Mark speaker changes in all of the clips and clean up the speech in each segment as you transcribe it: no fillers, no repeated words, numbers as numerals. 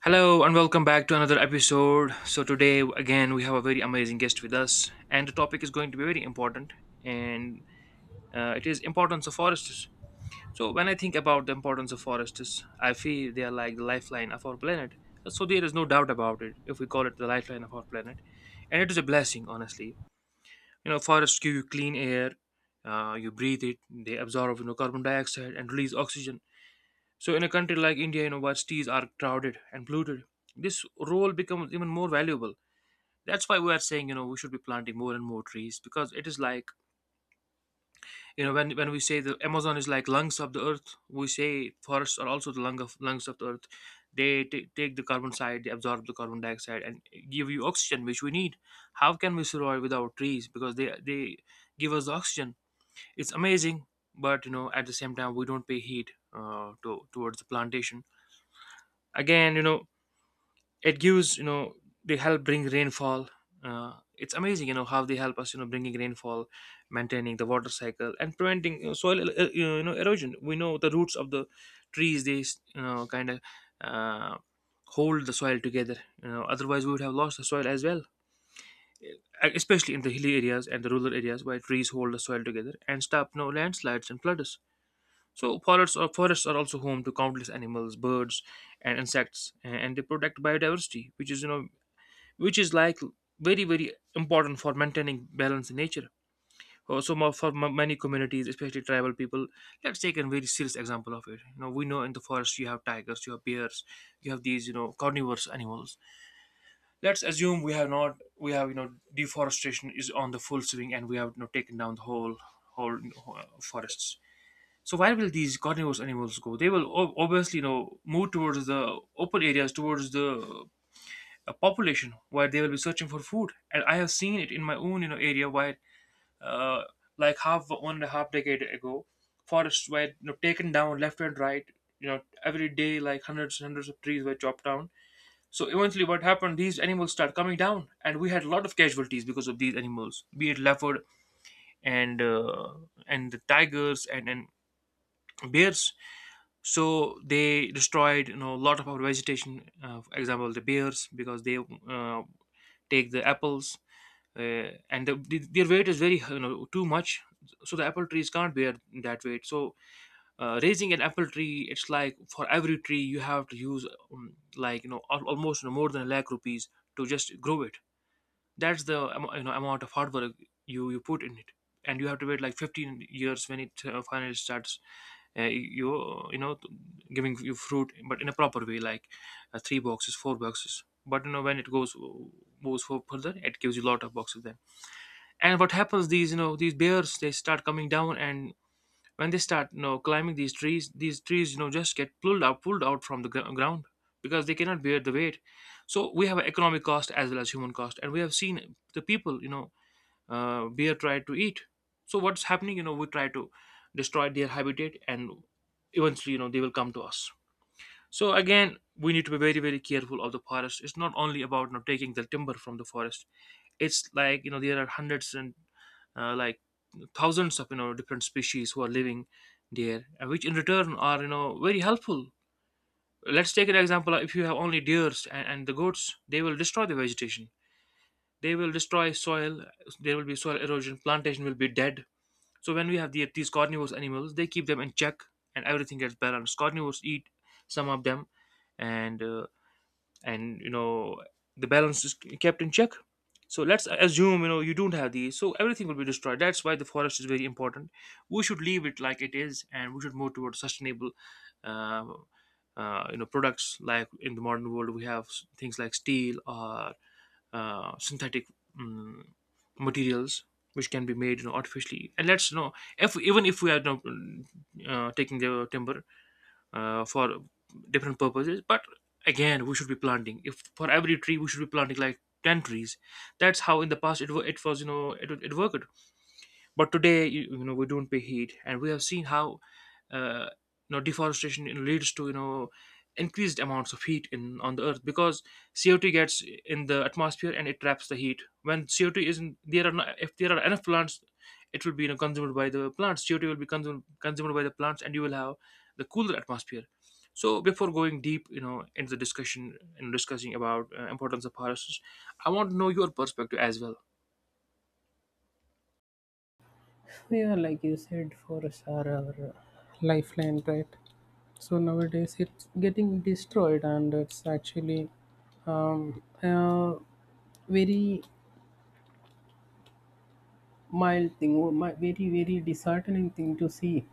Speaker 1: Hello and welcome back to another episode. So today again we have a very amazing guest with us, and the topic is going to be very important, and it is importance of forests. So when I think about the importance of forests, I feel they are like the lifeline of our planet. So there is no doubt about it if we call it the lifeline of our planet, and it is a blessing, honestly. You know, forests give you clean air. You breathe it. They absorb, you know, carbon dioxide and release oxygen, so in a country like India, you know, universities are crowded and polluted. This role becomes even more valuable. That's why we are saying, you know, we should be planting more and more trees because it is like, you know, when we say the Amazon is like lungs of the earth, we say forests are also the lungs of the earth. They take the carbon side, they absorb the carbon dioxide, and give you oxygen, which we need. How can we survive without trees? Because they give us oxygen. It's amazing, but you know, at the same time, we don't pay heed to towards the plantation. Again, you know, it gives, you know, they help bring rainfall. It's amazing, you know, how they help us, you know, bringing rainfall, maintaining the water cycle, and preventing, you know, soil you know, erosion. We know the roots of the trees, they, you know, kind of uh, hold the soil together, you know, otherwise we would have lost the soil as well. Especially in the hilly areas and the rural areas where trees hold the soil together and stop no landslides and floods. So forests are also home to countless animals, birds, and insects. And they protect biodiversity, which is, you know, which is like very very important for maintaining balance in nature. So for many communities, especially tribal people. Let's take a very serious example of it. You know, we know in the forest you have tigers, you have bears, you have these, you know, carnivorous animals. Let's assume we have not We have, you know, deforestation is on the full swing and we have, you know, taken down the whole, you know, forests. So where will these carnivorous animals go? They will obviously, you know, move towards the open areas, towards the a population where they will be searching for food. And I have seen it in my own, you know, area where uh, like half one and a half decade ago, forests were, you know, taken down left and right. You know, every day like hundreds and hundreds of trees were chopped down. So eventually what happened, these animals start coming down, and we had a lot of casualties because of these animals, be it leopard and uh, and the tigers and bears. So they destroyed, you know, a lot of our vegetation. For example, the bears, because they uh, take the apples, uh, and their weight is very, you know, too much, so the apple trees can't bear that weight. So raising an apple tree, it's like for every tree you have to use like, you know, almost, you know, more than a lakh rupees to just grow it. That's the you know, amount of hard work you put in it. And you have to wait like 15 years when it finally starts you you know, giving you fruit, but in a proper way, like three boxes, four boxes. But you know, when it goes, moves for further, it gives you a lot of boxes then. And what happens, these, you know, these bears, they start coming down, and when they start, you know, climbing these trees, these trees, you know, just get pulled out from the ground because they cannot bear the weight. So we have an economic cost as well as human cost, and we have seen the people, you know, bear try to eat. So what's happening, you know, we try to destroy their habitat, and eventually, you know, they will come to us. So again, we need to be very very careful of the forest. It's not only about, you know, taking the timber from the forest. It's like, you know, there are hundreds and like thousands of, you know, different species who are living there, and which in return are, you know, very helpful. Let's take an example. If you have only deers and the goats, they will destroy the vegetation, they will destroy soil, there will be soil erosion, plantation will be dead. So when we have these carnivorous animals, they keep them in check, and everything gets balanced. Carnivores eat some of them, and uh, and you know, the balance is kept in check. So let's assume, you know, you don't have these, so everything will be destroyed. That's why the forest is very important. We should leave it like it is, and we should move towards sustainable um, you know, products. Like in the modern world, we have things like steel or synthetic mm materials, which can be made, you know, artificially. And let's, you know, if even if we are, you know, taking the timber for different purposes, but again we should be planting. If for every tree we should be planting like 10 trees, that's how in the past it was, you know, it worked. But today, you know, we don't pay heed, and we have seen how uh, you know, deforestation leads to, you know, increased amounts of heat in on the earth because CO2 gets in the atmosphere and it traps the heat. When CO2 isn't there, are not, if there are enough plants, it will be, you know, consumed by the plants. CO2 will be consumed by the plants, and you will have the cooler atmosphere. So before going deep, you know, into the discussion and discussing about importance of forests, I want to know your perspective as well.
Speaker 2: Yep, yeah, like you said, forests are our lifeline, right? So nowadays it's getting destroyed, and it's actually a very mild thing, or very very disheartening thing to see.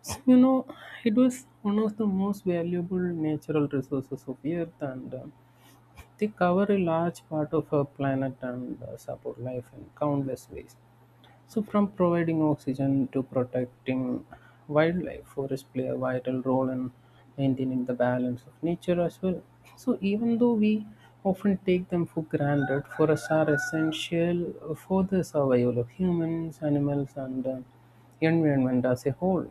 Speaker 2: So you know, it was one of the most valuable natural resources of Earth, and they cover a large part of our planet and support life in countless ways. So, from providing oxygen to protecting wildlife, forests play a vital role in maintaining the balance of nature as well. So, even though we often take them for granted, forests are essential for the survival of humans, animals, and the environment as a whole.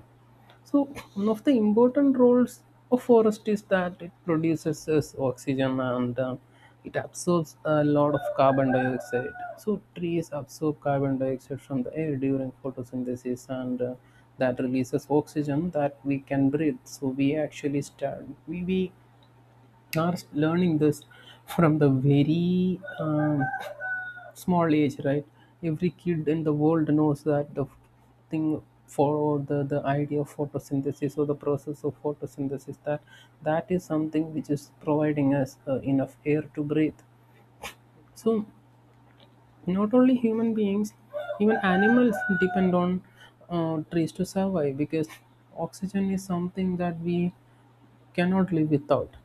Speaker 2: So one of the important roles of forest is that it produces us oxygen and it absorbs a lot of carbon dioxide. So trees absorb carbon dioxide from the air during photosynthesis and that releases oxygen that we can breathe. So we we are learning this from the very small age, right? Every kid in the world knows that the thing for the idea of photosynthesis or the process of photosynthesis, that that is something which is providing us enough air to breathe. So not only human beings, even animals depend on trees to survive, because oxygen is something that we cannot live without.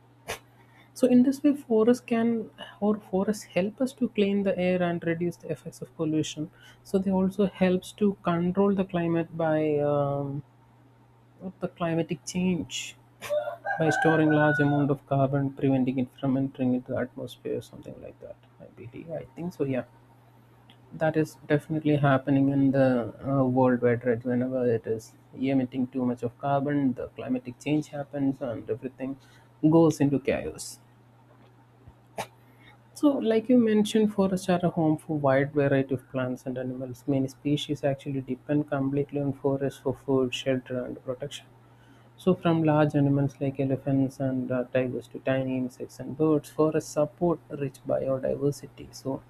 Speaker 2: So in this way, forests can or forests help us to clean the air and reduce the effects of pollution. So they also helps to control the climate by the climatic change by storing large amount of carbon, preventing it from entering into the atmosphere, something like that. I believe. I think so. Yeah, that is definitely happening in the world wide. Right, whenever it is emitting too much of carbon, the climatic change happens and everything goes into chaos. So, like you mentioned, forests are a home for wide variety of plants and animals. Many species actually depend completely on forests for food, shelter, and protection. So, from large animals like elephants and tigers to tiny insects and birds, forests support rich biodiversity. So,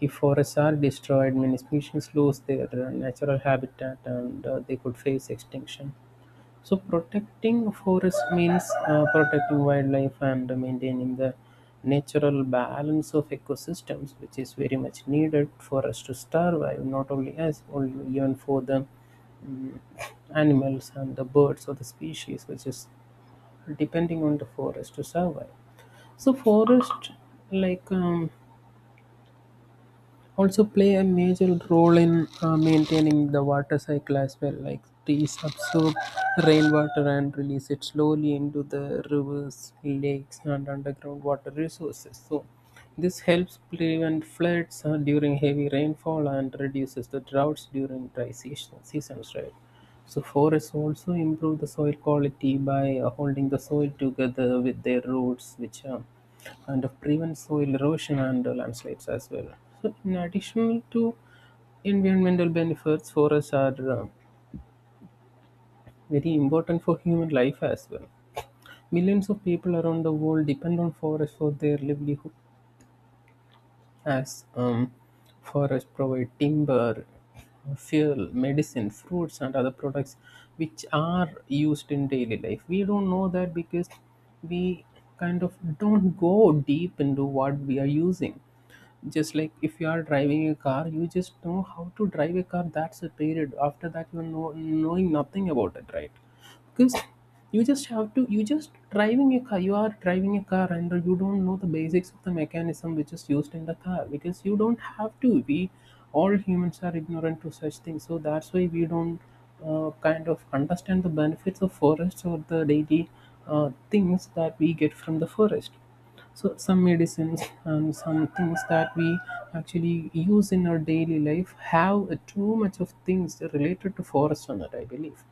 Speaker 2: if forests are destroyed, many species lose their natural habitat and they could face extinction. So protecting forest means protecting wildlife and maintaining the natural balance of ecosystems, which is very much needed for us to survive, not only us, only even for the mm, animals and the birds or the species, which is depending on the forest to survive. So forest, like um, also play a major role in maintaining the water cycle as well, like trees absorb rainwater and release it slowly into the rivers, lakes and underground water resources. So this helps prevent floods during heavy rainfall and reduces the droughts during seasons, right? So forests also improve the soil quality by holding the soil together with their roots, which kind of prevent soil erosion and landslides as well. So, in addition to environmental benefits, forests are very important for human life as well. Millions of people around the world depend on forests for their livelihood, as forests provide timber, fuel, medicine, fruits, and other products which are used in daily life. We don't know that because we kind of don't go deep into what we are using. Just like if you are driving a car, you just know how to drive a car. That's a period. After that, you know, knowing nothing about it, right? Because you just have to you just driving a car you are driving a car and you don't know the basics of the mechanism which is used in the car, because you don't have to. We all humans are ignorant to such things, so that's why we don't kind of understand the benefits of forests or the daily things that we get from the forest. So some medicines and some things that we actually use in our daily life have too much of things related to forest on it, I believe.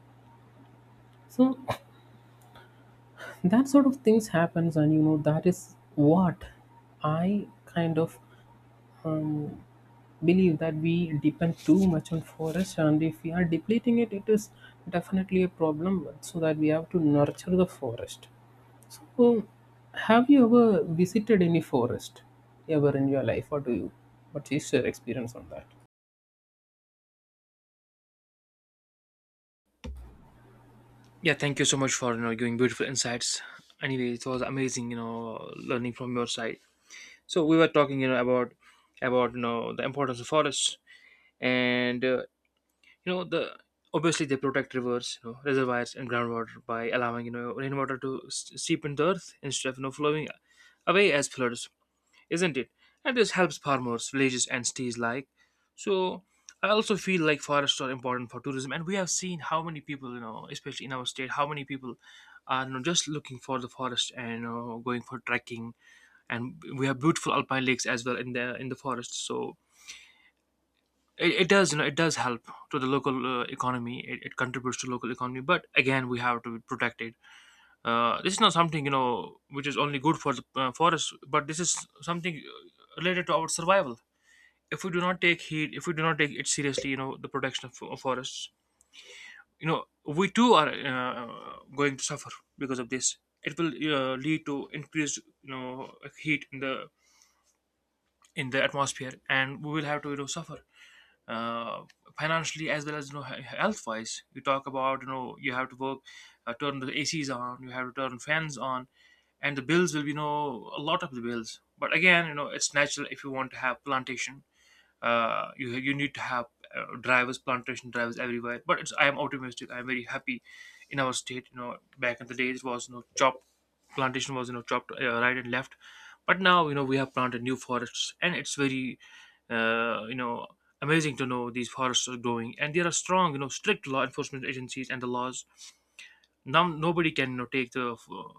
Speaker 2: So that sort of things happens, and you know that is what I kind of um, believe, that we depend too much on forest, and if we are depleting it, it is definitely a problem, so that we have to nurture the forest. So have you ever visited any forest ever in your life, or do you, what is your experience on that?
Speaker 1: Yeah, thank you so much for, you know, giving beautiful insights. Anyway, it was amazing, you know, learning from your side. So we were talking, you know, about you know, the importance of forests and you know, the obviously they protect rivers, you know, reservoirs and groundwater by allowing, you know, rainwater to seep into the earth instead of, you know, flowing away as floods, isn't it? And this helps farmers, villages, and cities like. So I also feel like forests are important for tourism, and we have seen how many people, you know, especially in our state, how many people are, you know, just looking for the forest and, you know, going for trekking. And we have beautiful alpine lakes as well in the forest. So it does, you know, it does help to the local economy. It contributes to local economy, but again, we have to protect it. This is not something, you know, which is only good for the forest, but this is something related to our survival. If we do not take heed, if we do not take it seriously, you know, the protection of forests, you know, we too are going to suffer because of this. It will lead to increased, you know, heat in the atmosphere, and we will have to, you know, suffer uh, financially as well as, you know, health wise. You talk about, you know, you have to work, turn the ACs on, you have to turn fans on, and the bills will be, you know, a lot of the bills. But again, you know, it's natural. If you want to have plantation, you need to have drivers, plantation drivers everywhere. But it's, I am optimistic. I am very happy in our state. You know, back in the days, it was, you know, chopped, plantation was, you know, chopped right and left, but now, you know, we have planted new forests, and it's very you know, amazing to know these forests are growing, and there are strong, you know, strict law enforcement agencies and the laws. Now nobody can, you know, take the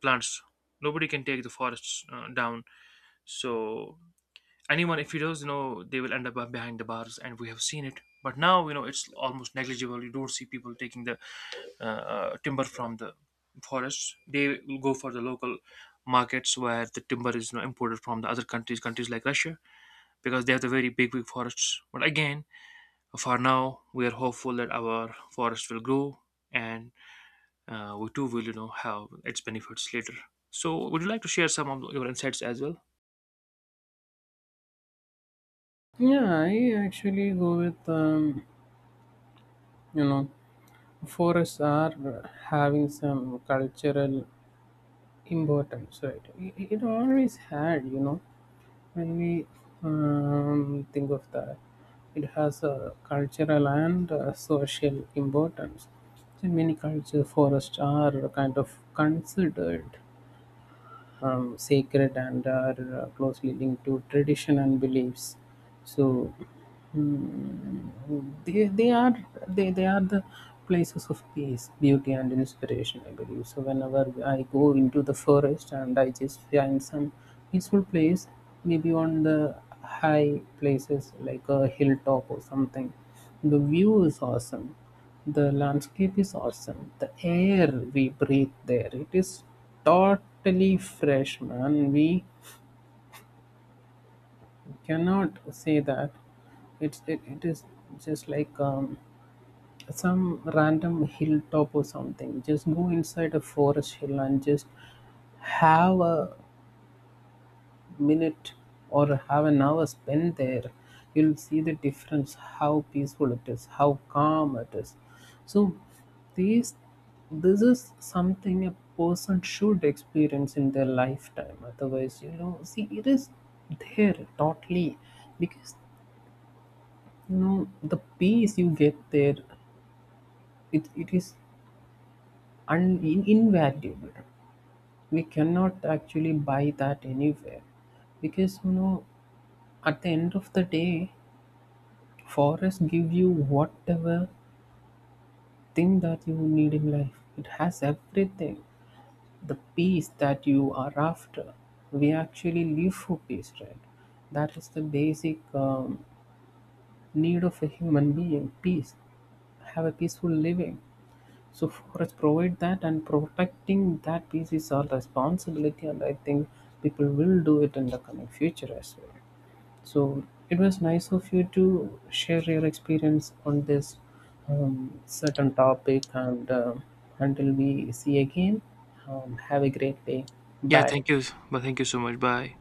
Speaker 1: plants. Nobody can take the forests down. So anyone if he does, you know, they will end up behind the bars, and we have seen it. But now, you know, it's almost negligible, you don't see people taking the uh, timber from the forests. They will go for the local markets where the timber is, you know, imported from the other countries, countries like russia, because they have the very big big forests. But again, for now, we are hopeful that our forest will grow, and we too will, you know, have its benefits later. So would you like to share some of your insights as well?
Speaker 2: Yeah, I actually go with you know forests are having some cultural importance, right? It always had, you know, when we think of that, it has a cultural and a social importance. So many culture forests are kind of considered sacred and are closely linked to tradition and beliefs. So mm, they, they are they are the places of peace, beauty, and inspiration. I believe so. Whenever I go into the forest and I just find some peaceful place, maybe on the high places like a hilltop or something, the view is awesome, the landscape is awesome, the air we breathe there, it is totally fresh, man. We cannot say that it's it is just like some random hilltop or something. Just go inside a forest hill and just have a minute or have an hour spent there, you'll see the difference, how peaceful it is, how calm it is. So these, this is something a person should experience in their lifetime, otherwise you know, see, it is there totally. Because you know, the peace you get there, it is invaluable. We cannot actually buy that anywhere, because you know, at the end of the day, forest give you whatever thing that you need in life. It has everything. The peace that you are after. We actually live for peace, right? That is the basic need of a human being: peace. Have a peaceful living. So forests provide that, and protecting that peace is our responsibility. And I think people will do it in the coming future as well. So it was nice of you to share your experience on this certain topic. And until we see again, have a great day.
Speaker 1: Yeah,
Speaker 2: Bye.
Speaker 1: thank you. But thank you so much. Bye.